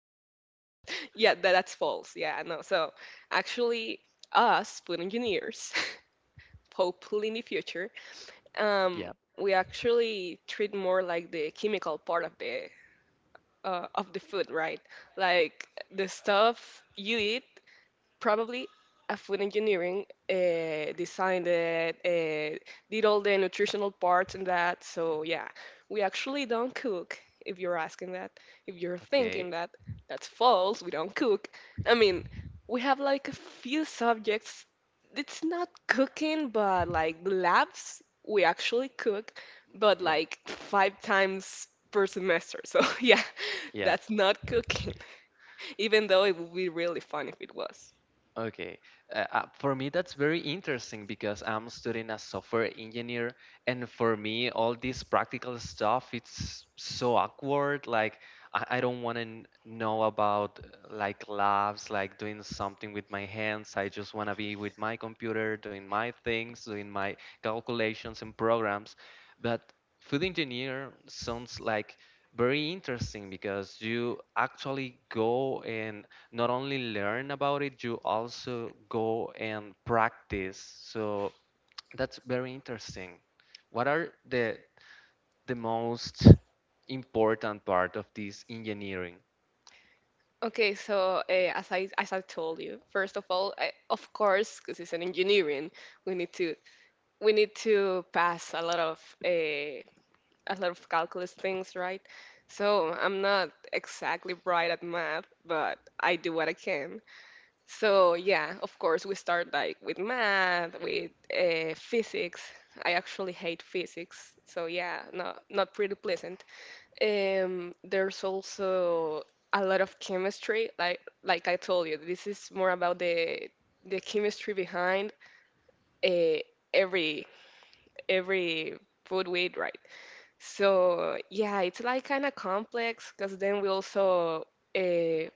But no, Yeah, that that's false. Yeah, no. So actually, us food engineers, hopefully in the future, yeah, we actually treat more like the chemical part of the food, right? Like the stuff you eat probably a food engineering designed it, did all the nutritional parts and that. So yeah, we actually don't cook if you're asking that, if you're thinking okay, that. That's false, we don't cook. I mean, we have like a few subjects. It's not cooking, but like the labs, we actually cook, but yeah, like five times per semester. So yeah, yeah. that's not cooking, even though it would be really fun if it was. Okay. For me, that's very interesting because I'm studying as software engineer, and for me, all this practical stuff, it's so awkward. Like, I don't want to know about like labs, like doing something with my hands. I just want to be with my computer, doing my things, doing my calculations and programs. But food engineer sounds like very interesting because you actually go and not only learn about it, you also go and practice. So that's very interesting. What are the most important part of this engineering? Okay, so as I told you, first of all, I, of course, because it's an engineering, we need to we need to pass uh, a lot of calculus things, right? So I'm not exactly bright at math, but I do what I can. So yeah, of course, we start like with math, with physics. I actually hate physics, so yeah, not pretty pleasant. There's also a lot of chemistry. Like I told you, this is more about the chemistry behind, uh, every every food we eat, right? So yeah, it's like kind of complex because then we also, uh,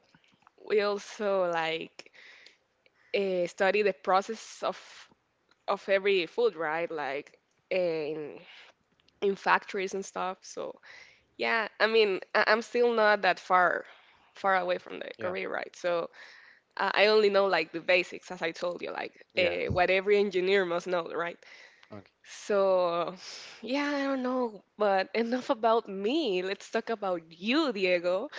we also like study the process of every food, right? Like eh, in in factories and stuff. So yeah, I mean, I'm still not that far away from the Yeah. career, right? So I only know like the basics, as I told you, like Yes. What every engineer must know, right? Okay. So yeah, I don't know, but enough about me. Let's talk about you, Diego.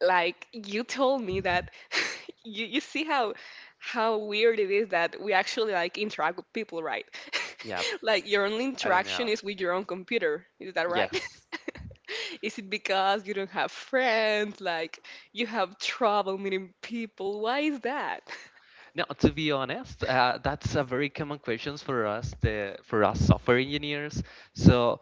Like you told me that you see how weird it is that we actually like interact with people, right? Yeah. Like your only I don't interaction know. is with your own computer. Is that right? Yes. Is it because you don't have friends? Like, you have trouble meeting people? Why is that? Now, to be honest, that's a very common questions for us, the for us software engineers. So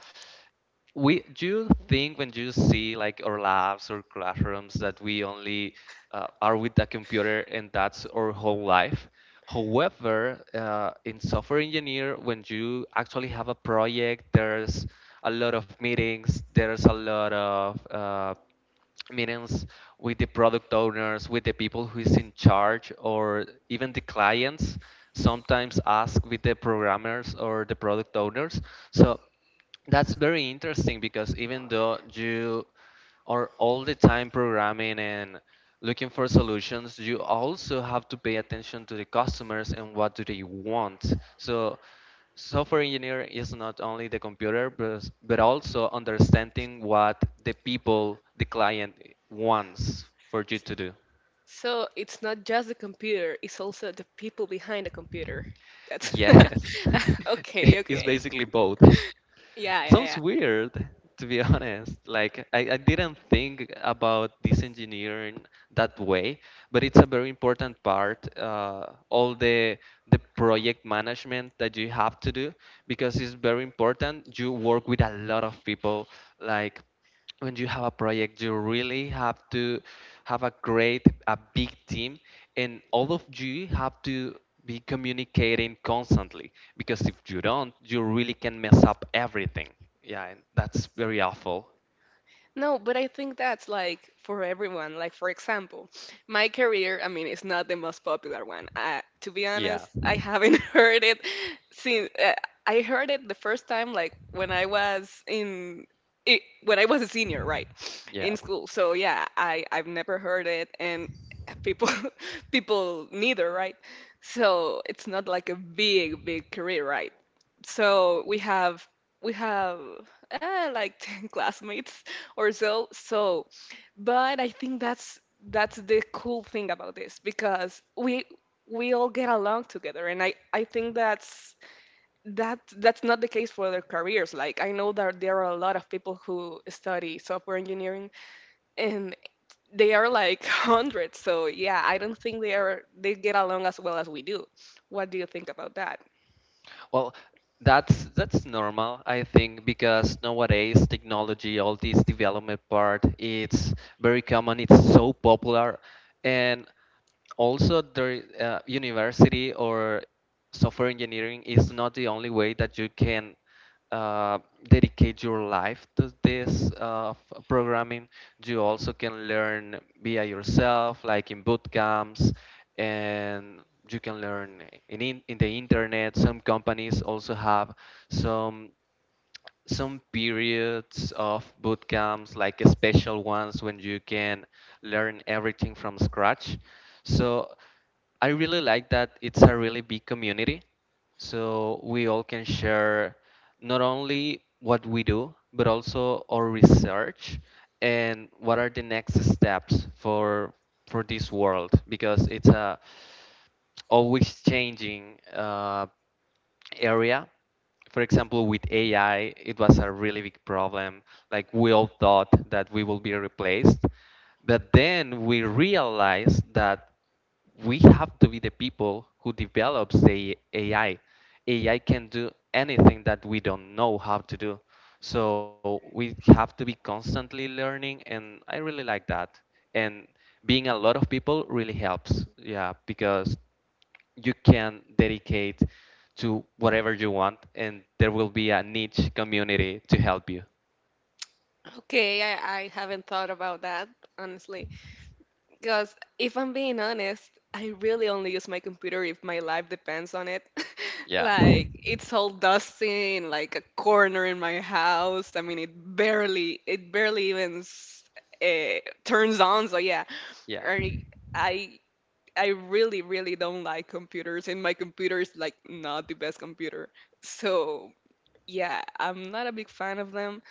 we do you think when you see like our labs or classrooms that we only are with the computer and that's our whole life. However, in software engineer, when you actually have a project, there's a lot of meetings, there's a lot of meetings with the product owners, with the people who is in charge, or even the clients sometimes ask with the programmers or the product owners. So that's very interesting because even though you are all the time programming and looking for solutions, you also have to pay attention to the customers and what do they want. So software engineer is not only the computer but also understanding what the people, the client wants for you to do. So, it's not just the computer, it's also the people behind the computer. That's Yes. okay, It's okay. basically both. It Yeah, yeah, sounds yeah. weird, to be honest. Like, I didn't think about this engineering that way, but it's a very important part. All the project management that you have to do, because it's very important. You work with a lot of people, like when you have a project, you really have to have a great, a big team, and all of you have to be communicating constantly, because if you don't, you really can mess up everything. Yeah, and that's very awful. No, but I think that's like for everyone. Like, for example, my career, I mean, it's not the most popular one. To be Yeah, honest, I haven't heard it since, I heard it the first time, like when I was in. It, when I was a senior, right, yeah. in school. So yeah, I I've never heard it, and people people neither, right? So it's not like a big career, right? So we have like ten classmates or so. So but I think that's the cool thing about this, because we all get along together. And I think that's that that's not the case for other careers. Like I know that there are a lot of people who study software engineering, and they are like hundreds. So yeah, I don't think they are, they get along as well as we do. What do you think about that? Well, that's normal, I think, because nowadays technology, all this development part, it's very common, it's so popular, and also the university or software engineering is not the only way that you can uh, dedicate your life to this programming. You also can learn via yourself, like in boot camps, and you can learn in, in the internet. Some companies also have some periods of boot camps, like special ones when you can learn everything from scratch. So I really like that it's a really big community. So we all can share not only what we do, but also our research and what are the next steps for this world, because it's a always changing area. For example, with AI, it was a really big problem. Like we all thought that we will be replaced, but then we realized that we have to be the people who develops the AI. AI can do anything that we don't know how to do. So we have to be constantly learning, and I really like that. And being a lot of people really helps. Yeah, because you can dedicate to whatever you want, and there will be a niche community to help you. Okay, I haven't thought about that, honestly. Because if I'm being honest, I really only use my computer if my life depends on it. Yeah, Like it's all dusty in like a corner in my house. I mean, it barely even turns on. So yeah, yeah, I, I, I really, really don't like computers, and my computer is like not the best computer. So yeah, I'm not a big fan of them.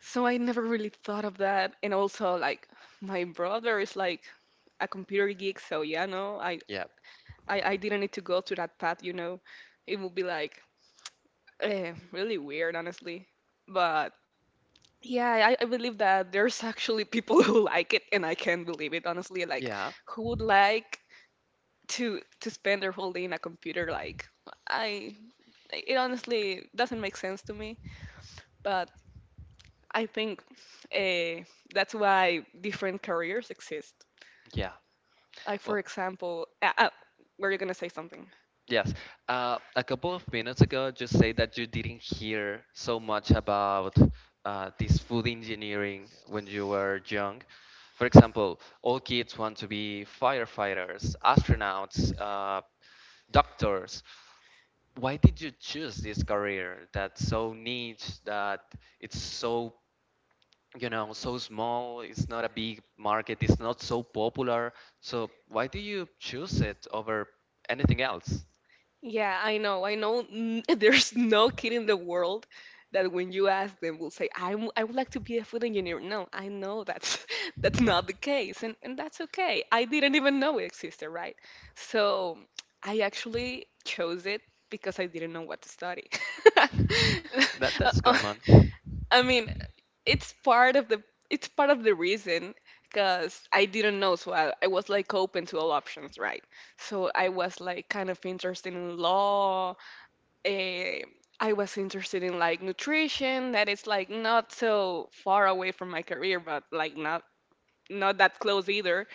So I never really thought of that. And also, like, my brother is like a computer geek, so yeah, no, yeah, I didn't need to go to that path, you know. It would be like really weird, honestly. But yeah, I believe that there's actually people who like it, and I can't believe it, honestly. Like, yeah, who would like to spend their whole day in a computer? Like, I, it honestly doesn't make sense to me. But I think uh, that's why different careers exist. yeah. Like, for Well, example, were you gonna say something? yes. A couple of minutes ago, just say that you didn't hear so much about this food engineering when you were young. For example, all kids want to be firefighters, astronauts, doctors. Why did you choose this career that's so niche, that it's so, you know, so small, it's not a big market, it's not so popular. So why do you choose it over anything else? Yeah, I know. I know there's no kid in the world that when you ask them will say, I, I would like to be a food engineer. No, I know that's that's not the case. And that's okay. I didn't even know it existed, right? So I actually chose it because I didn't know what to study. That Uh, that's uh, common. I mean, it's part of the it's part of the reason, because I didn't know, so I was like open to all options, right? So I was like kind of interested in law. eh, I was interested in like nutrition, that is like not so far away from my career, but like not not that close either.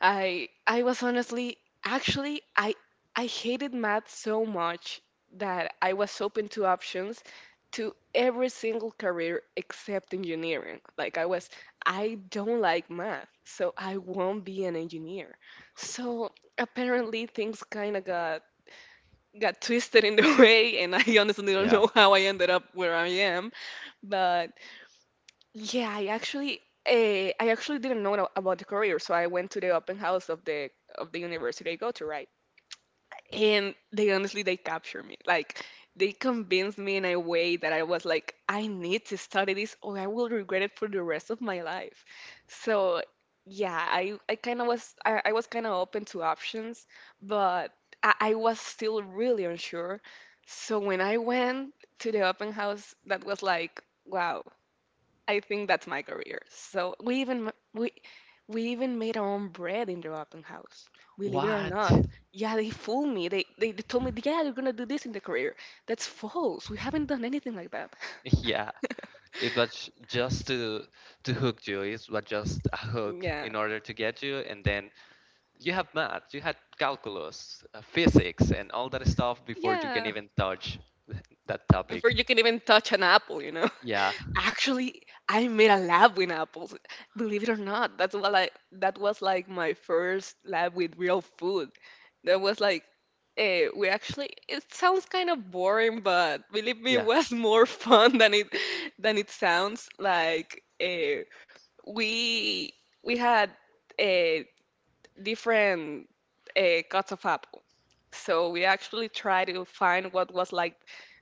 I was honestly, actually I hated math so much that I was open to options, to every single career except engineering. Like I was, I don't like math, so I won't be an engineer. So apparently things kind of got twisted in the way, and I honestly don't Yeah. know how I ended up where I am, but yeah, I actually didn't know about the career, so I went to the open house of the university I go to, right? And they honestly, they captured me. Like they convinced me in a way that I was like, I need to study this, or I will regret it for the rest of my life. So yeah, I kind of was, I was kind of open to options, but I was still really unsure. So when I went to the open house, that was like, wow, I think that's my career. So we even we even made our own bread in the open house. Believe it or What? not. Yeah, they fooled me. They told me, yeah, you're gonna do this in the career. That's false. We haven't done anything like that. Yeah. It was just to hook you. It was just a hook Yeah. in order to get you, and then you have math, you had calculus, physics, and all that stuff before you can Yeah. even touch that Before topic. you can even touch an apple, you know. Yeah. Actually, I made a lab with apples. Believe it or not, that's what I, that was like my first lab with real food. That was like we actually, it sounds kind of boring, but believe me, it Yeah. was more fun than it sounds. Like we we had Uh, different cuts of apple. So we actually try to find what was like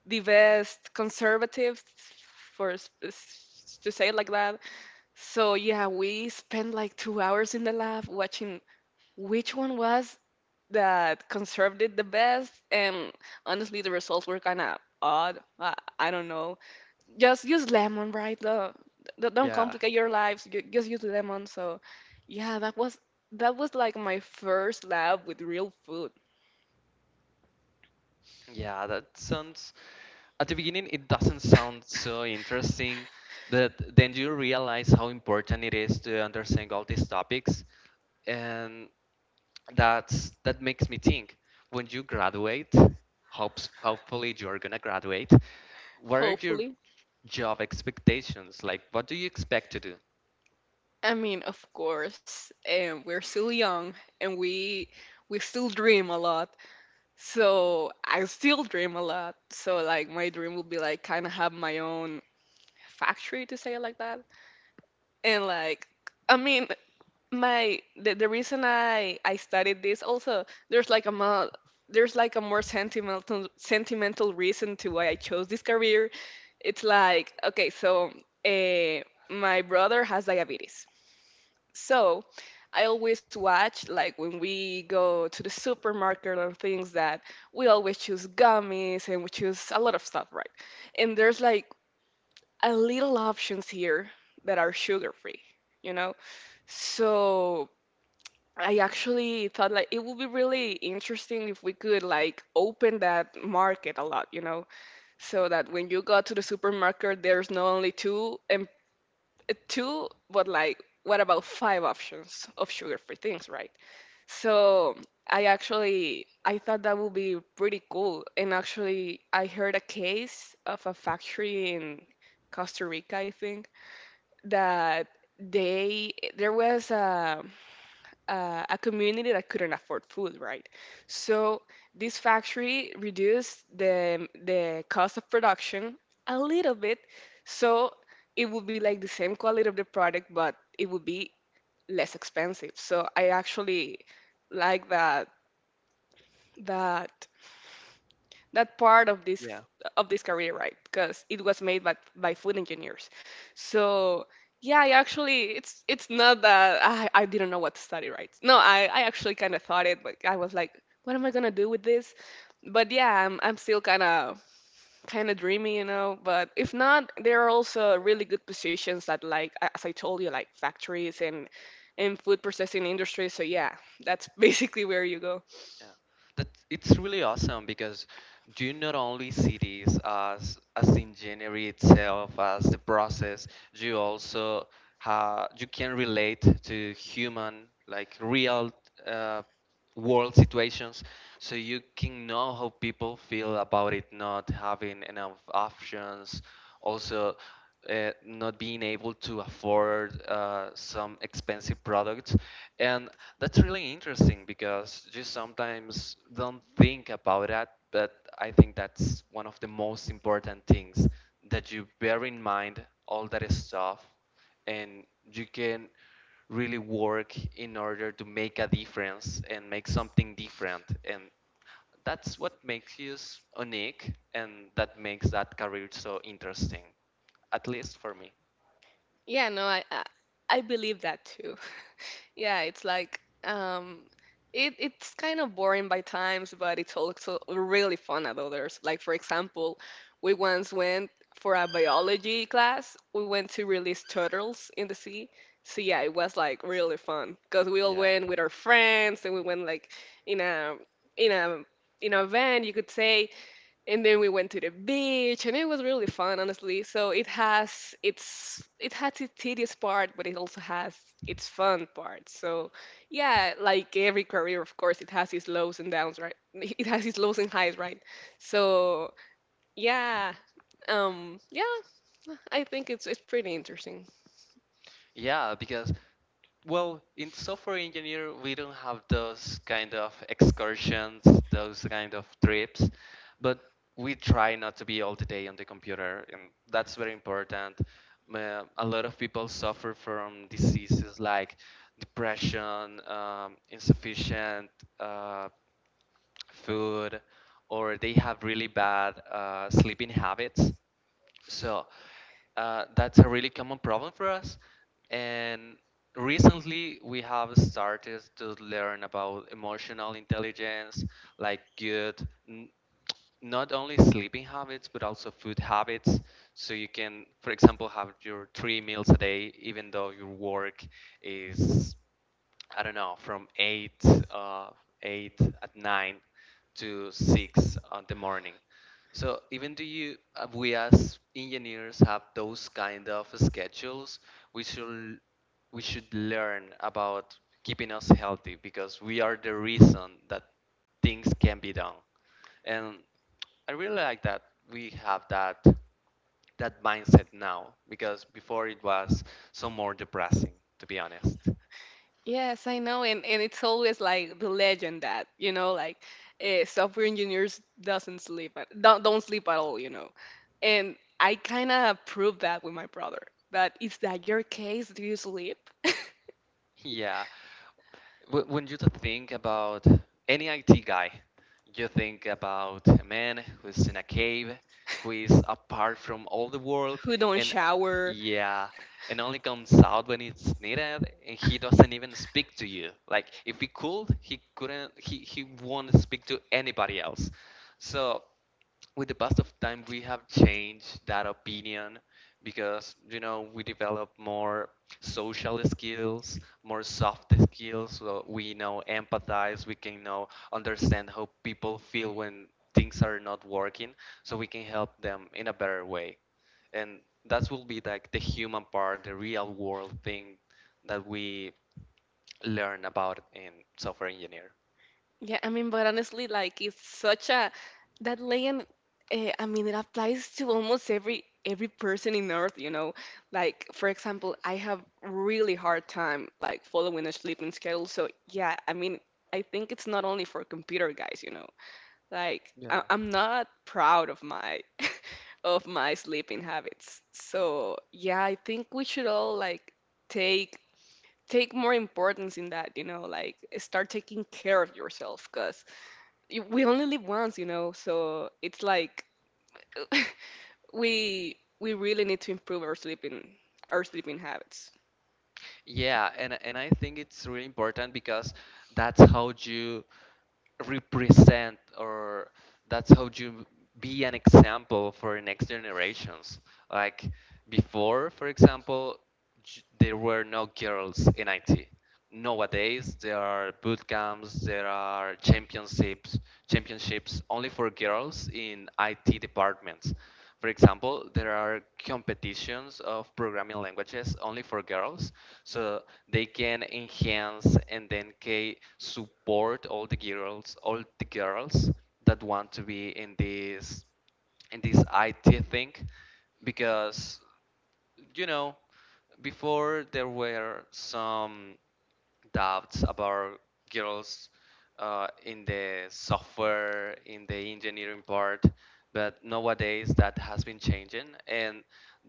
the best conservative, for to say it like that. So yeah, we spent like 2 hours in the lab watching which one was that conserved it the best, and honestly, the results were kind of odd. I don't know, just use lemon, right? Don't, don't Yeah. complicate your lives. Just use lemon. So, yeah, that was like my first lab with real food. Yeah, that sounds. At the beginning, it doesn't sound so interesting, but then you realize how important it is to understand all these topics, and that's that makes me think. When you graduate, hopes hopefully you're gonna graduate. What are your Hopefully, job expectations? Like, what do you expect to do? I mean, of course, and we're still young, and we still dream a lot. So I still dream a lot. So like my dream will be like kind of have my own factory, to say it like that, and like I mean, my the reason I studied this, also there's like a there's like a more sentimental reason to why I chose this career. It's like okay, so uh, my brother has diabetes, so I always watch like when we go to the supermarket and things, that we always choose gummies and we choose a lot of stuff, right? And there's like a little options here that are sugar free, you know. So I actually thought like it would be really interesting if we could like open that market a lot, you know, so that when you go to the supermarket, there's not only two, and two, but like what about five options of sugar-free things, right? So I actually I thought that would be pretty cool, and actually I heard a case of a factory in Costa Rica, I think, that they there was a, a community that couldn't afford food, right? So this factory reduced the cost of production a little bit, so it would be like the same quality of the product, but it would be less expensive. So I actually like that that part Yeah. of this career, right? Because it was made by food engineers. So yeah, I actually, it's not that I didn't know what to study, right? No, I actually kind of thought it. Like I was like, what am I going to do with this? But yeah, I'm still kind of dreamy, you know. But if not, there are also really good positions that, like as I told you, like factories and food processing industry. So yeah, that's basically where you go. Yeah, that it's really awesome because you not only see this as engineering itself, as the process, you also ha you can relate to human like real uh, world situations, so you can know how people feel about it not having enough options. Also, not being able to afford some expensive products. And that's really interesting because you sometimes don't think about that, but I think that's one of the most important things that you bear in mind all that stuff, and you can really work in order to make a difference and make something different. And that's what makes us unique and that makes that career so interesting, at least for me. Yeah, no I believe that too. Yeah, it's like it's kind of boring by times, but it's also really fun at others. Like for example, we once went for a biology class. We went to release turtles in the sea. So yeah, it was like really fun because we all Yeah. went with our friends and we went like in a in a in a van, you could say. And then we went to the beach and it was really fun, honestly. So it has its tedious part, but it also has its fun part. So yeah, like every career, of course, it has its lows and downs, right? It has its lows and highs, right? So yeah. Yeah, I think it's pretty interesting. Yeah, because well, in software engineer, we don't have those kind of excursions, those kind of trips, but we try not to be all the day on the computer, and that's very important. A lot of people suffer from diseases like depression, insufficient uh, food, or they have really bad sleeping habits. So that's a really common problem for us. And recently, we have started to learn about emotional intelligence, like good, n- not only sleeping habits, but also food habits. So you can, for example, have your three meals a day, even though your work is, I don't know, from 8, uh, 8 at 9 to 6 on the morning. So even do you, we as engineers have those kind of schedules, we should, we should learn about keeping us healthy, because we are the reason that things can be done. And I really like that we have that mindset now, because before it was so more depressing, to be honest. Yes, I know, and and it's always like the legend that, you know, like software engineers doesn't sleep, don't sleep at all, you know. And I kind of proved that with my brother. That is that your case? Do you sleep? Yeah. When you think about any IT guy, you think about a man who's in a cave, who is apart from all the world, Who don't and shower? yeah, and only comes out when it's needed, and he doesn't even speak to you. Like if he could, he couldn't. He won't speak to anybody else. So with the past of time, we have changed that opinion, because you know, we develop more social skills, more soft skills, so we know empathize, we can know understand how people feel when things are not working, so we can help them in a better way, and that will be like the human part, the real world thing that we learn about in software engineer. Yeah, I mean, but honestly, like it's such a, that legend. I mean, it applies to almost every person in Earth. You know, like for example, I have really hard time like following a sleeping schedule. So yeah, I mean, I think it's not only for computer guys. You know, like Yeah. I'm not proud of my of my sleeping habits. So yeah, I think we should all like take take more importance in that. You know, like start taking care of yourself, cause we only live once, you know, so it's like we really need to improve our sleeping, our sleeping habits. Yeah, and I think it's really important, because that's how you represent, or that's how you be an example for next generations. Like before, for example, there were no girls in IT. Nowadays, there are boot camps, there are championships, championships only for girls in IT departments. For example, there are competitions of programming languages only for girls, so they can enhance and then can support all the girls that want to be in this IT thing, because you know, before there were some doubts about girls in the software, in the engineering part, but nowadays that has been changing, and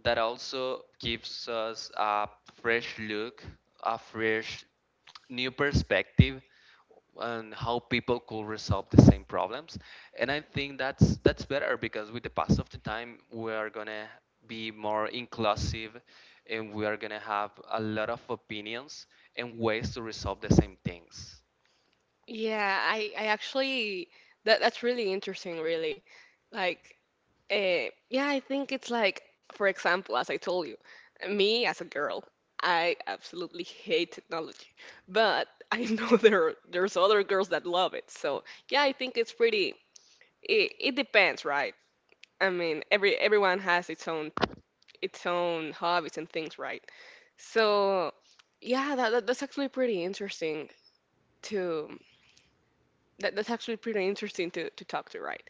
that also gives us a fresh look, a fresh new perspective and how people could resolve the same problems, and I think that's better, because with the pass of the time we are gonna be more inclusive, and we are gonna have a lot of opinions and ways to resolve the same things. Yeah, I actually, that's really interesting, really. Like, yeah, I think it's like, for example, as I told you, me as a girl, I absolutely hate technology, but I know there are, there's other girls that love it. So yeah, I think it's pretty. It depends, right? I mean, everyone has its own, its own hobbies and things, right. So yeah, that's actually pretty interesting to that's actually pretty interesting to talk to, right?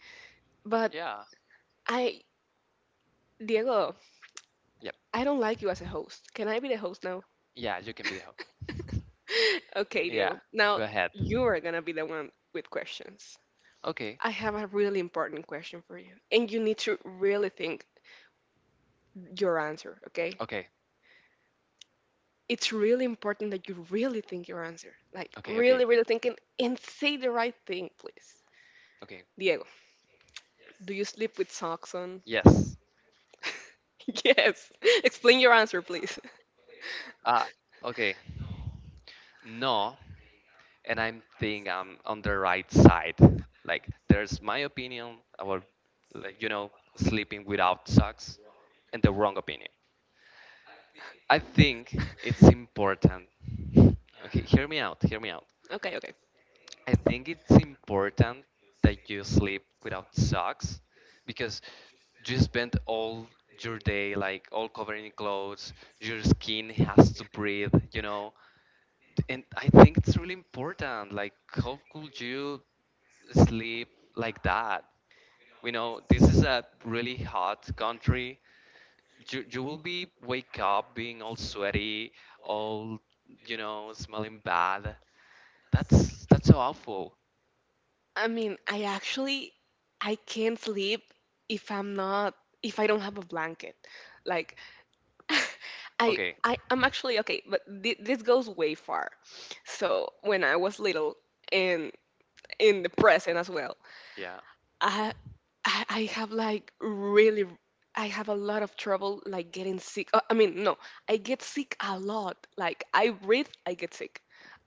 But Yeah. I, Diego, I don't like you as a Yep. host. Can I be the host now? Yeah, you can be the host. Okay, Diego. Now you Yeah, are gonna be the go one ahead. with questions. I have a really important Okay, question for you, and you need to really think your answer, okay? okay, It's really important that you really think your answer. Like, really, really thinking and say okay, the okay, right thing, please. Diego, okay, do you sleep with socks on? yes. Yes. Explain your answer, please. Uh, okay. No, and I'm on the right side. Like there's my opinion about, like you know, sleeping without socks, and the wrong opinion. I think it's important. Okay, hear me out. Hear me out. Okay, okay. I think it's important that you sleep without socks, because you spend all your day like all covered in clothes. Your skin has to breathe, you know. And I think it's really important. Like, how could you sleep like that? You know, this is a really hot country. You will be wake up being all sweaty, all you know, smelling bad. That's so awful. I mean, I actually, I can't sleep if I'm not, if I don't have a blanket. Like Okay, I'm actually okay, but this goes way far. So, when I was little and in the present as well, yeah. I I have like really, I have a lot of trouble like getting sick. I mean, no, I get sick a lot. Like I breathe, I get sick.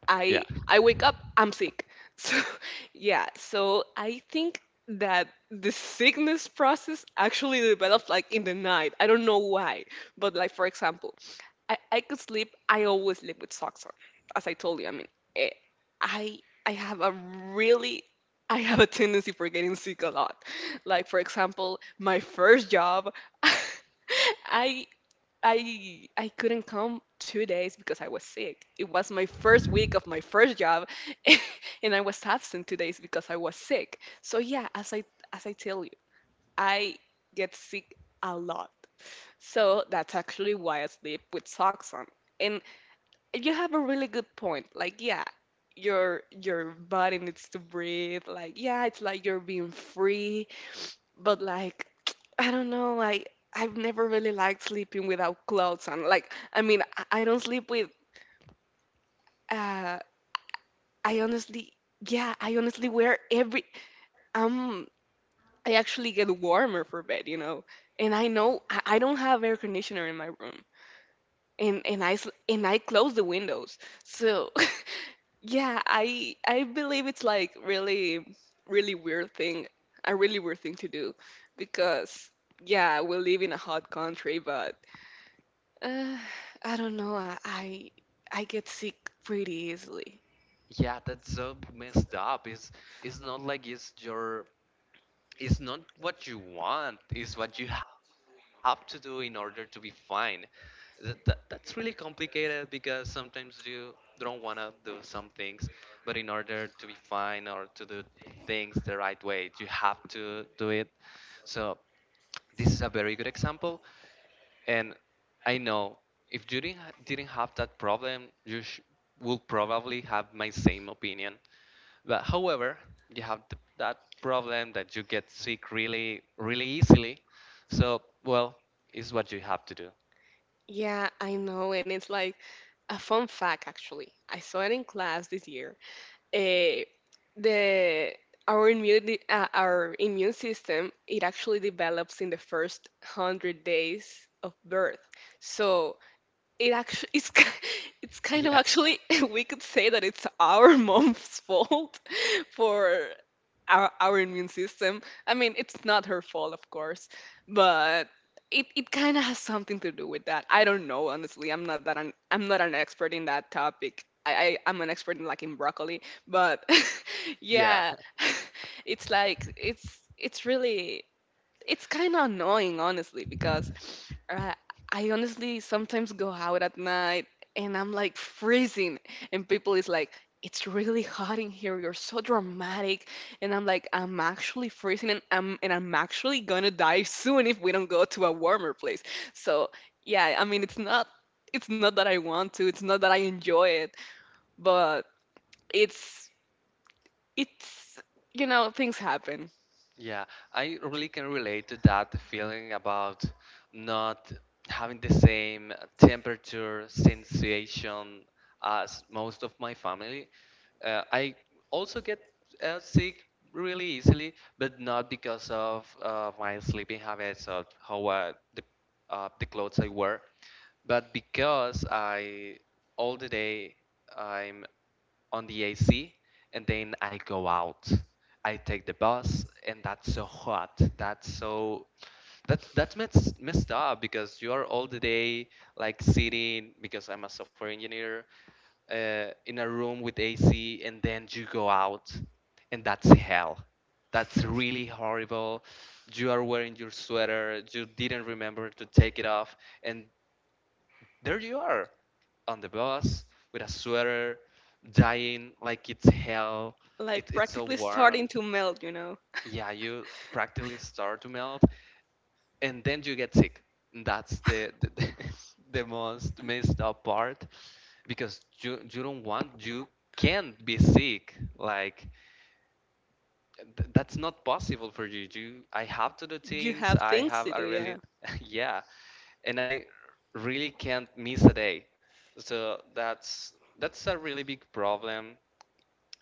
Yeah. I wake up, I'm sick. So yeah, so I think that the sickness process actually develops like in the night. I don't know why, but like for example, I could sleep. I always sleep with socks on. As I told you, I mean, eh, I I have a really, I have a tendency for getting sick a lot. Like for example, my first job, I I couldn't come 2 days because I was sick. It was my first week of my first job, and I was absent 2 days because I was sick. So yeah, as I, as I tell you, I get sick a lot. So that's actually why I sleep with socks on. And you have a really good point. Like yeah, your body needs to breathe. Like yeah, it's like you're being free, but like I don't know, like I've never really liked sleeping without clothes on. Like I mean, I don't sleep with uh I honestly, yeah, I honestly wear every um I actually get warmer for bed, you know. And I know I don't have air conditioner in my room, and and I close the windows. So yeah, I believe it's like really, really weird thing, a really weird thing to do, because yeah, we live in a hot country, but uh, I don't know, I get sick pretty easily. Yeah, that's so messed up. It's not like it's your it's not what you want, it's what you have to do in order to be fine. That's really complicated because sometimes you don't want to do some things, but in order to be fine or to do things the right way you have to do it. So this is a very good example. And I know if you didn't have that problem you will probably have my same opinion. But however, you have that problem that you get sick really, really easily. So, well, it's what you have to do. Yeah, I know, and it's like a fun fact actually. I saw it in class this year, eh, the our immune system, it actually develops in the first 100 days of birth. So it actually, it's kind of Yeah, actually we could say that it's our mom's fault for our immune system. I mean, it's not her fault, of course, but it kind of has something to do with that. I don't know, honestly. I'm not I'm not an expert in that topic. I'm an expert in like in broccoli, but yeah. yeah, it's like it's really, it's kind of annoying honestly, because uh, I honestly sometimes go out at night and I'm like freezing, and people is like, it's really hot in here, you're so dramatic. And I'm like, I'm actually freezing, and I'm actually gonna die soon if we don't go to a warmer place. So yeah, I mean, it's not, it's not that I want to, it's not that I enjoy it, but it's it's you know, things happen. Yeah, I really can relate to that, the feeling about not having the same temperature sensation as most of my family. I also get sick really easily, but not because of my sleeping habits or how the clothes I wear, but because I all the day I'm on the AC and then I go out. I take the bus and that's so hot. That that's messed up because you are all the day like sitting because I'm a software engineer, in a room with AC, and then you go out and that's hell. That's really horrible. You are wearing your sweater, you didn't remember to take it off, and there you are on the bus with a sweater, dying like it's hell. It, Like it's so practically starting warm. to melt, you know. Yeah, you practically start to melt, and then you get sick. That's the most messed up part because you don't want, you can't be sick. Like that's not possible for you. You, I have to do You things. have I things have to do, a really, yeah. yeah, and I really can't miss a day. So that's a really big problem,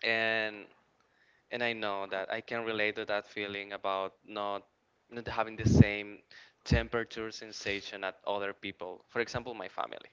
and I know that I can relate to that feeling about not having the same temperature sensation at other people. For example, my family.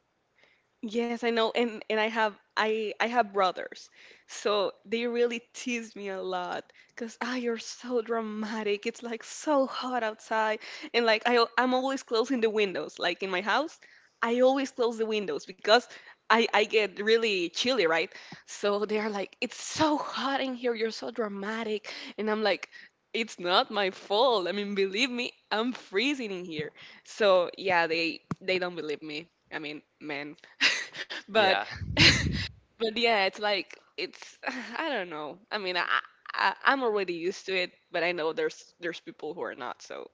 Yes, I know, and I have I have brothers, so they really tease me a lot because ah, you're so dramatic. It's like so hot outside, and like I'm always closing the windows. Like in my house, I always close the windows because I get really chilly, right? So they are Yeah, like, it's so hot in here. You're so dramatic, and I'm like. It's not my fault. I mean, believe me, I'm freezing in here. So yeah, they don't believe me. I mean, man. but yeah, but yeah, it's like it's I don't know. I mean, I, I'm already used to it, but I know there's people who are not. So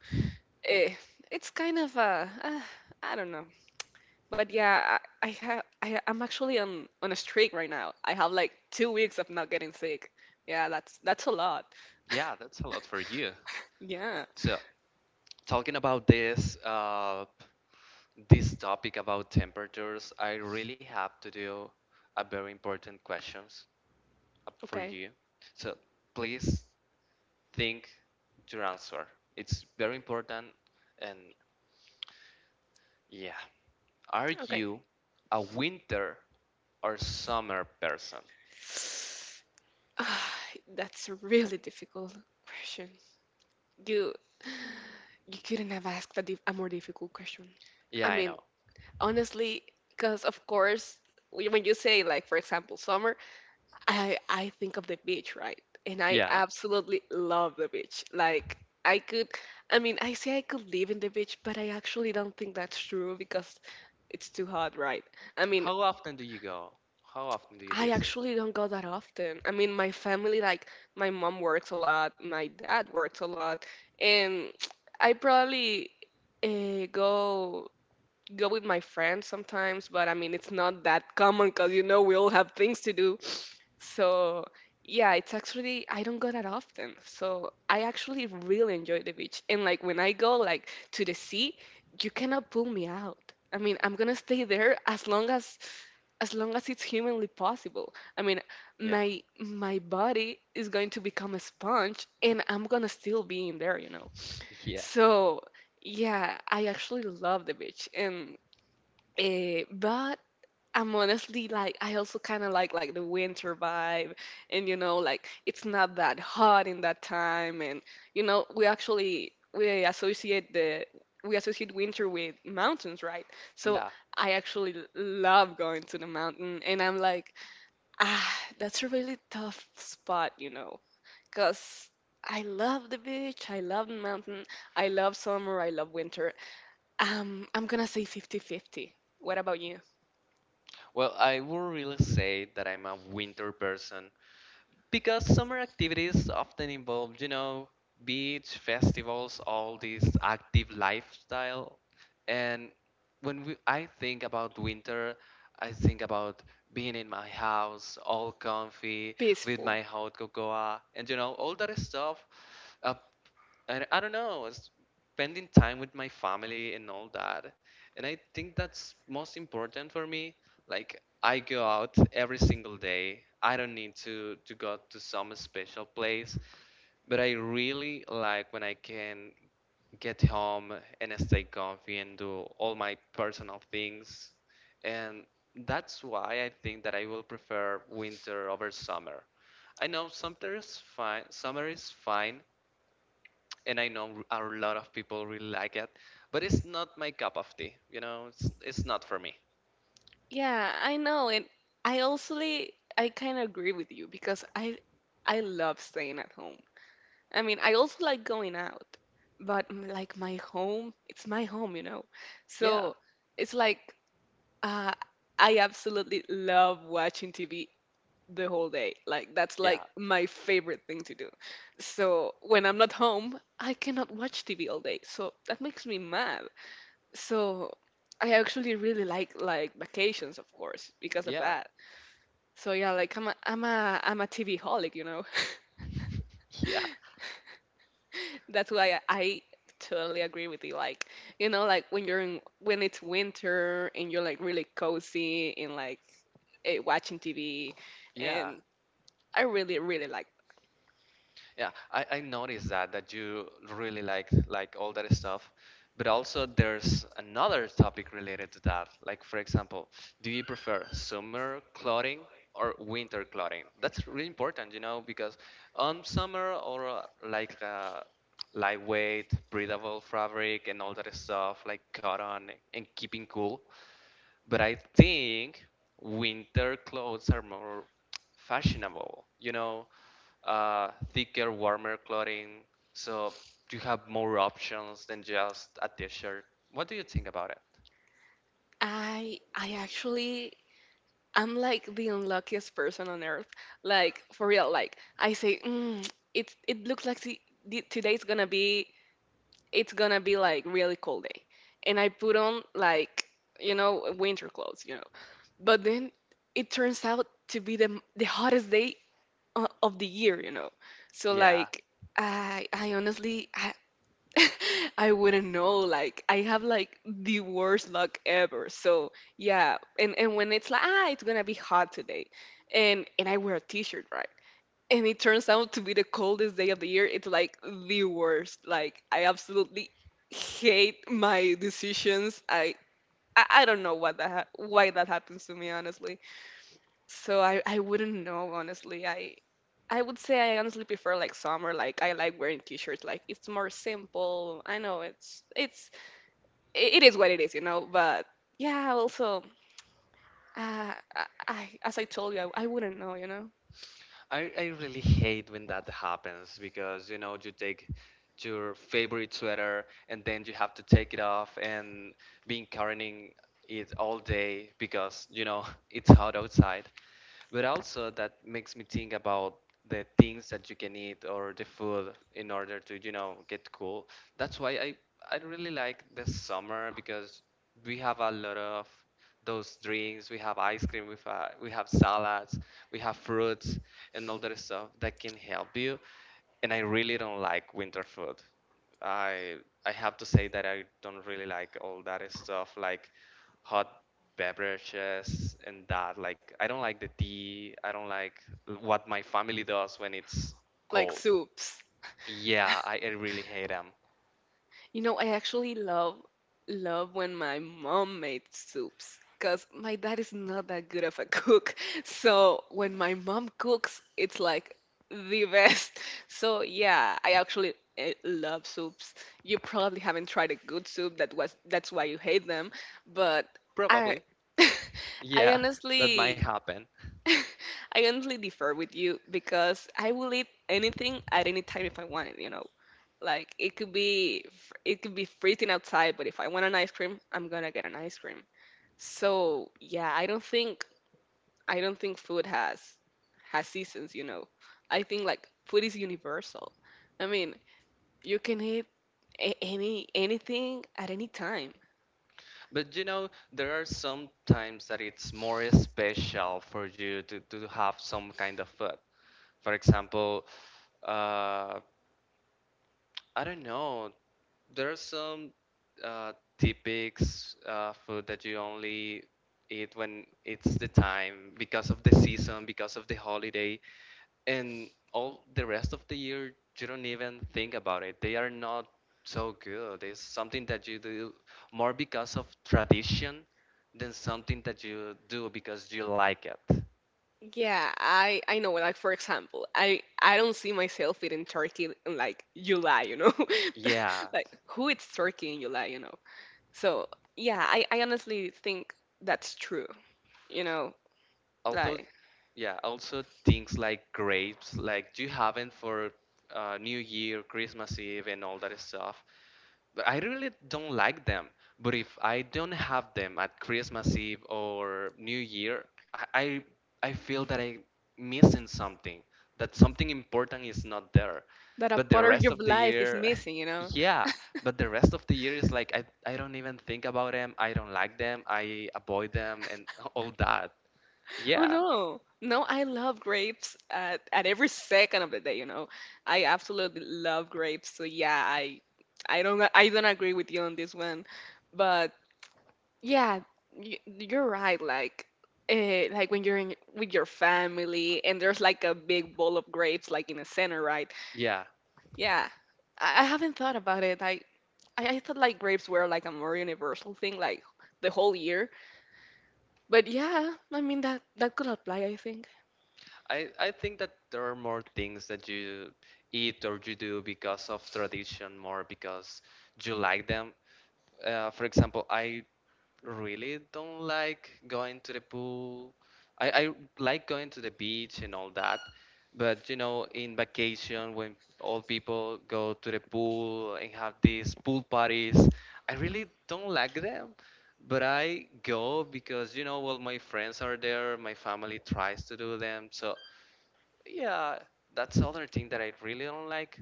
eh, it's kind of I don't know. But yeah, I I'm actually on a streak right now. I have like 2 weeks of not getting sick. Yeah, that's a lot. yeah. That's a lot for you. Yeah. So, talking about this this topic about temperatures, I really have to do a very important questions up for Okay. you. So please think your answer. It's very important. And yeah, are Okay. you a winter or summer person? Ah, that's a really difficult question. You You couldn't have asked a, a more difficult question. I Yeah, I mean, know. honestly, because of course, when you say like, for example, summer, I think of the beach, right? And I Yeah. absolutely love the beach. Like I could, I mean, I say I could live in the beach, but I actually don't think that's true because it's too hot, right? I mean, How often do you go? How often do you I visit? actually don't go that often. I mean, my family, like, my mom works a lot, my dad works a lot, and I probably go go with my friends sometimes, but I mean, it's not that common because you know we all have things to do. So yeah, it's actually I don't go that often. So I actually really enjoy the beach. And like when I go like to the sea, you cannot pull me out. I mean, I'm gonna stay there as long as long as it's humanly possible. I mean, Yeah. My body is going to become a sponge and I'm gonna still be in there, you know. Yeah. So yeah, I actually love the beach and, eh, but I'm honestly like I also kind of like the winter vibe, and you know like it's not that hot in that time, and you know we associate the we associate winter with mountains, right? So Yeah. I actually love going to the mountain, and I'm like, ah, that's a really tough spot, you know, because. I love the beach, I love the mountain, I love summer, I love winter. I'm gonna say 50/50. What about you? Well, I would really say that I'm a winter person because summer activities often involve, you know, beach, festivals, all this active lifestyle. And I think about winter, I think about being in my house, all comfy, with Peaceful. my hot cocoa, and you know, all that stuff. Uh, and I don't know, spending time with my family and all that, and I think that's most important for me. Like I go out every single day. I don't need to go to some special place, but I really like when I can get home and stay comfy and do all my personal things. And that's why I think that I will prefer winter over summer. I know summer is fine, and I know a lot of people really like it, but it's not my cup of tea. You know, it's not for me. Yeah, I know, and I also, I kind of agree with you because I love staying at home. I mean, I also like going out, but like my home, it's my home, you know. Yeah, So it's like uh, I absolutely love watching TV the whole day. Like that's like yeah, my favorite thing to do. So when I'm not home, I cannot watch TV all day. So that makes me mad. So I actually really like vacations, of course, because of yeah, that. So yeah, like I'm a TV holic, you know. yeah, That's why I totally agree with you. Like like when it's winter and you're like really cozy and like watching TV, yeah. and I really like Yeah, I noticed that you really liked like all that stuff. But also there's another topic related to that. Like for example, do you prefer summer clothing or winter clothing? That's really important, you know, because on summer or lightweight, breathable fabric and all that stuff like cotton and keeping cool. But I think winter clothes are more fashionable, you know, thicker, warmer clothing. So you have more options than just a t-shirt. What do you think about it? I Actually I'm like the unluckiest person on earth. Like for real. Like I say, it it looks like today's gonna be it's gonna be like really cold day, and I put on like you know winter clothes, you know. But then it turns out to be the hottest day of the year, you know. So Yeah, like I honestly I I wouldn't know. Like I have like the worst luck ever. So yeah, and when it's like it's gonna be hot today, and I wear a t-shirt, right? And it turns out to be the coldest day of the year. It's like the worst. Like I absolutely hate my decisions. I don't know why that happens to me honestly. So I wouldn't know honestly. I would say I honestly prefer like summer. Like I like wearing t-shirts. Like it's more simple. I know it it is what it is, you know. But yeah, also I as I told you, I wouldn't know, you know. I really hate when that happens because you know you take your favorite sweater and then you have to take it off and been carrying it all day because you know it's hot outside. But also that makes me think about the things that you can eat or the food in order to you know get cool. That's why I really like the summer because we have a lot of those drinks, we have ice cream, we have salads, we have fruits, and all that stuff that can help you. And I really don't like winter food. I i have to say that I don't really like all that stuff like hot beverages and that. Like, I don't like the tea. I don't like what my family does when it's Like cold. soups. Yeah, I really hate them. You know, I actually love when my mom made soups because my dad is not that good of a cook. So when my mom cooks, it's like the best. So yeah, I actually love soups. You probably haven't tried a good soup that was that's why you hate them, but I Probably. I Yeah, that honestly might happen. I honestly differ with you because I will eat anything at any time if I want it, you know. Like it could be it could be freezing outside, but if I want an ice cream, I'm gonna get an ice cream. So yeah, I don't think food has seasons, you know. I think like food is universal. I mean, you can eat anything at any time. But you know, there are some times that it's more special for you to have some kind of food. For example, uh, I don't know. There are some uh, typics food that you only eat when it's the time because of the season, because of the holiday, and all the rest of the year you don't even think about it. They are not so good. It's something that you do more because of tradition than something that you do because you like it. Yeah, I know. Like for example, I don't see myself eating turkey in like July, you know, Yeah. like who eats turkey in July, you know. So yeah, I honestly think that's true. You know, Also, like yeah, also things like grapes, like do you have them for new year, christmas eve and all that stuff? But I really don't like them. But if I don't have them at christmas eve or new year, i i, I feel that I'm missing something, that something important is not there. that a But the part of rest your of the life is year missing, you know. yeah, but the rest of the year is like I don't even think about them, I don't like them, I avoid them and all that. Oh Yeah. no. No, I love grapes at every second of the day, you know. I absolutely love grapes. So yeah, I don't agree with you on this one. But yeah, you're right like when you're in, with your family and there's like a big bowl of grapes like in the center, right? Yeah, Yeah. I haven't thought about it. I thought like grapes were like a more universal thing, like the whole year. But yeah, I mean that could apply, I think. I think that there are more things that you eat or you do because of tradition, more because you like them. For example, I really don't like going to the pool. I like going to the beach and all that, but you know, in vacation when all people go to the pool and have these pool parties, I really don't like them. But I go because you know, well, my friends are there, my family tries to do them, so yeah, that's another thing that I really don't like.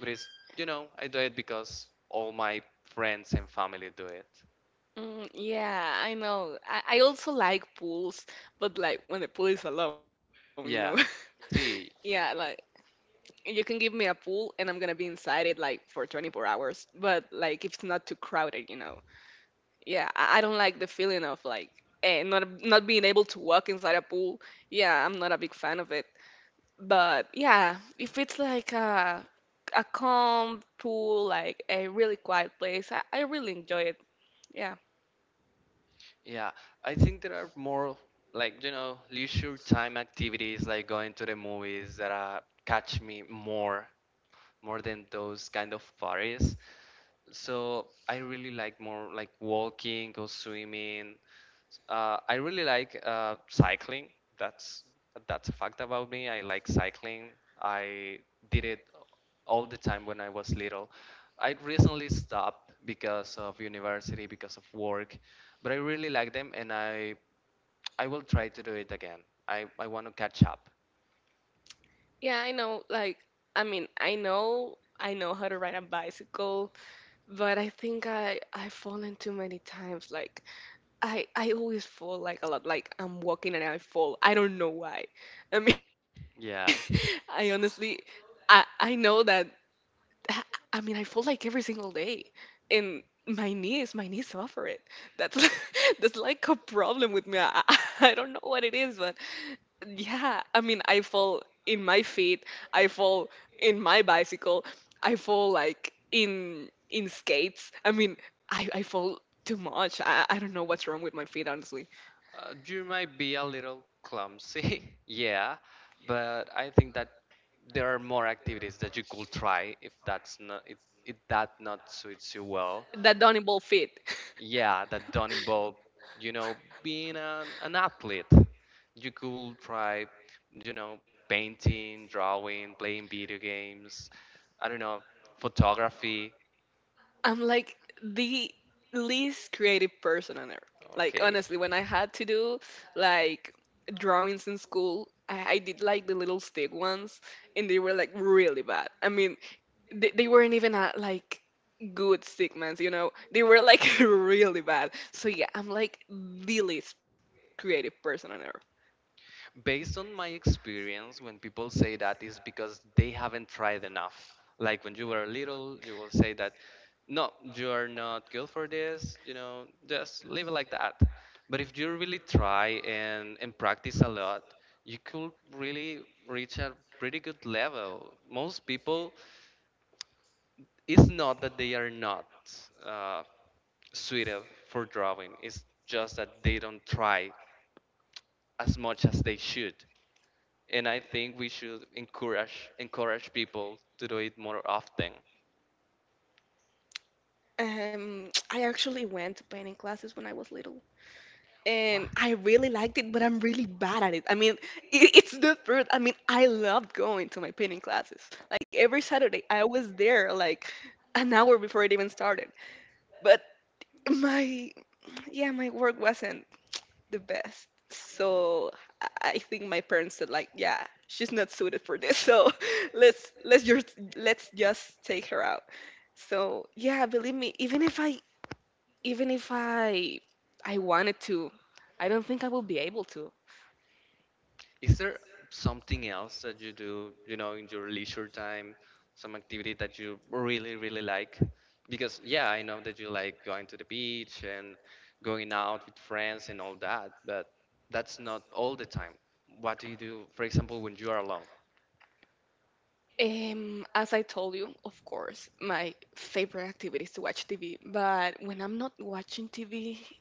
But it's, you know, I do it because all my friends and family do it. Mm, yeah, I know. I also like pools, but like when the pool is alone, you know. Yeah. Yeah, See, like you can give me a pool and I'm gonna be inside it like for 24 hours, but like if it's not too crowded, you know. Yeah, I don't like the feeling of like not being able to walk inside a pool. Yeah, I'm not a big fan of it. But yeah, if it's like a calm, cool, like a really quiet place, I really enjoy it. Yeah. yeah. I think there are more like, you know, leisure time activities like going to the movies that catch me more, more than those kind of parties. So I really like more like walking, go swimming. I really like cycling. That's that's a fact about me. I like cycling. I did it all the time when I was little. I recently stopped because of university, because of work, but I really like them, and I will try to do it again. I want to catch up. Yeah, I know like I mean, I know how to ride a bicycle, but I think I've fallen too many times. Like I always fall like a lot. Like I'm walking and I fall. I don't know why. I mean, I Yeah. honestly I know that. I mean, I fall like every single day, and my knees suffer it. That's like, that's like a problem with me. I I don't know what it is, but yeah, I mean, I fall in my feet, I fall in my bicycle, I fall like in skates. I mean, I fall too much. I don't know what's wrong with my feet, honestly. You might be a little clumsy, yeah, but I think that there are more activities that you could try if that's not if, if that not suits you well. That Donnie Ball feet. Yeah, that don't involve, you know, being an athlete. You could try, you know, painting, drawing, playing video games, I don't know, photography. I'm like the least creative person on earth. Like Okay. honestly, when I had to do like drawings in school, I did like the little stick ones, and they were like really bad. I mean, they weren't even like good stick ones, you know. They were like really bad. So yeah, I'm like the least creative person on earth. Based on my experience, when people say that is because they haven't tried enough, like when you were little you will say that no, you are not good for this, you know, just leave it like that. But if you really try and practice a lot, you could really reach a pretty good level. Most people, it's not that they are not uh, suited for drawing, it's just that they don't try as much as they should, and I think we should encourage people to do it more often. I actually went to painting classes when I was little, and I really liked it, but I'm really bad at it. I mean, it's the truth. I mean, I loved going to my painting classes. Like every Saturday, I was there like an hour before it even started. But my yeah, my work wasn't the best. So I think my parents said like, yeah, she's not suited for this. So let's just take her out. So yeah, believe me, even if I I wanted to, I don't think I will be able to. Is there something else that you do, you know, in your leisure time, some activity that you really really like? Because yeah, I know that you like going to the beach and going out with friends and all that, but that's not all the time. What do you do, for example, when you are alone? As I told you, of course, my favorite activity is to watch TV. But when I'm not watching TV,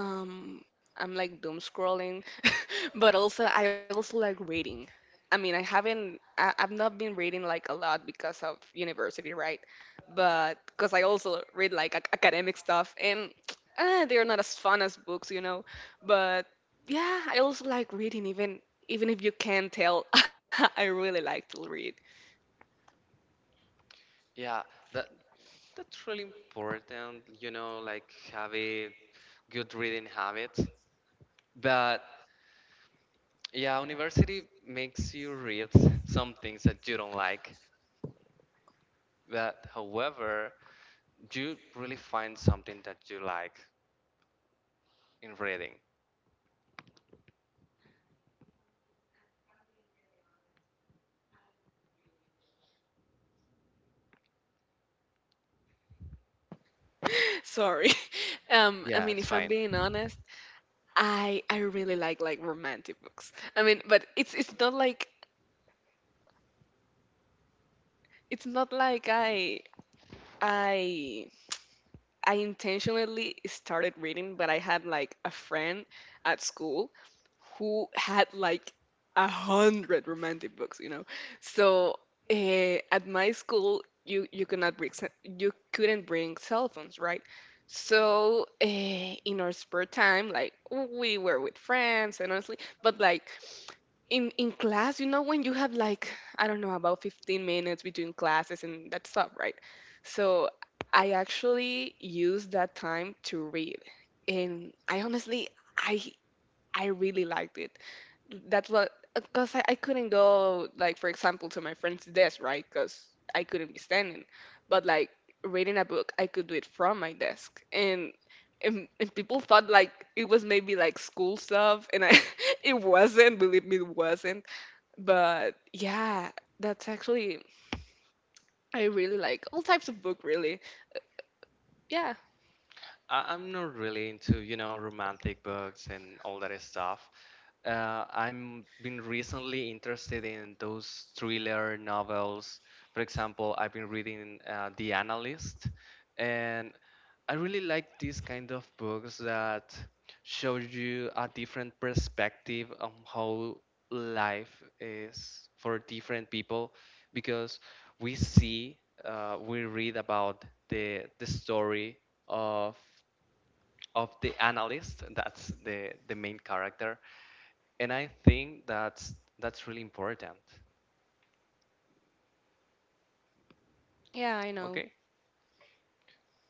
I'm like doom scrolling. But also, I also like reading. I mean, I, I've not been reading like a lot because of university, right? But because I also read like academic stuff, and they're not as fun as books, you know. But yeah, I also like reading, even if you can't tell, I really like to read. Yeah, that that's really important, you know, like having good reading habits. But yeah, university makes you read some things that you don't like, but however, you really find something that you like in reading. Sorry. I Yeah, mean, it's if I'm fine. being honest, I really like romantic books. I mean, but it's not like I I intentionally started reading, but I had like a friend at school who had like a hundred romantic books, you know. So at my school, you could not bring you couldn't bring cell phones, right? So in our spare time, like we were with friends and honestly, but like in class you know when you have like I don't know about 15 minutes between classes and that stuff, right? So I actually use that time to read, and I honestly i I really liked it. That's what because I couldn't go like for example to my friend's desk, right? Because I couldn't be standing, but like reading a book I could do it from my desk and and people thought like it was maybe like school stuff, and I it wasn't, believe me, it wasn't. But yeah, that's actually I really like all types of book, really. Yeah, I- I'm not really into, you know, romantic books and all that stuff. I'm been recently interested in those thriller novels. For example, I've been reading The Analyst, and I really like these kind of books that show you a different perspective on how life is for different people, because we see, we read about the story of of the analyst. That's the main character, and I think that's really important. yeah, I know. Okay.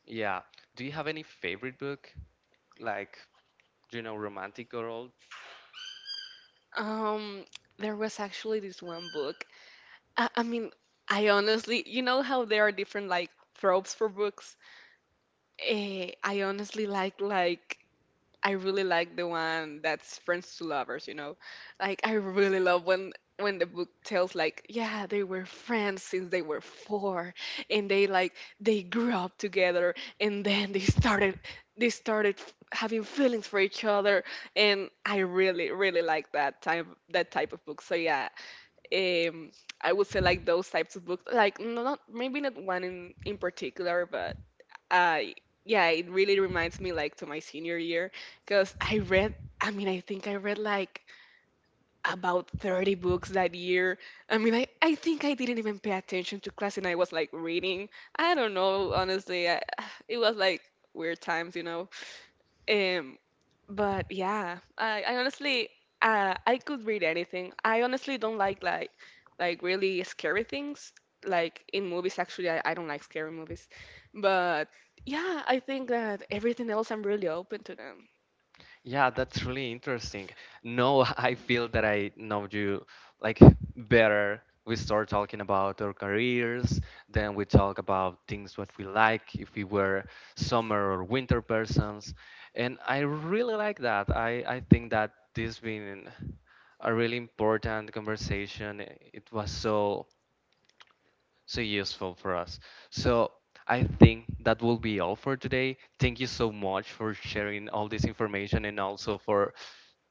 Yeah. Do you have any favorite book, like you know, romantic or all? Um, there was actually this one book. I, I mean, I honestly, you know how there are different like tropes for books? I honestly like I really like the one that's friends to lovers, you know. Like I really love when the book tells like, yeah, they were friends since they were four and they like they grew up together and then they started having feelings for each other and I really like that type of book. So yeah, um I would say like those types of books like no- not maybe not one in particular, but uh yeah it really reminds me like to my senior year because I think I read like about 30 books that year. I mean, I think I didn't even pay attention to class and I was like reading I don't know honestly it was like weird times you know. um, but yeah, I honestly I could read anything. I honestly don't like like really scary things. Like in movies, actually, I don't like scary movies. But yeah, I think that everything else I'm really open to them. Yeah, that's really interesting. No, I feel that I know you like better. We start talking about our careers, then we talk about things what we like, if we were summer or winter persons. And I really like that. I think that this been a really important conversation. It was so so useful for us. So I think that will be all for today. Thank you so much for sharing all this information and also for,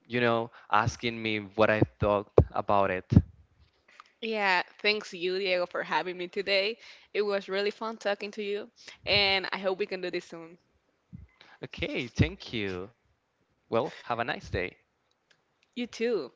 you know, asking me what I thought about it. Yeah, thanks you, Diego, for having me today. It was really fun talking to you, and I hope we can do this soon. Okay, thank you. Well, have a nice day. You too.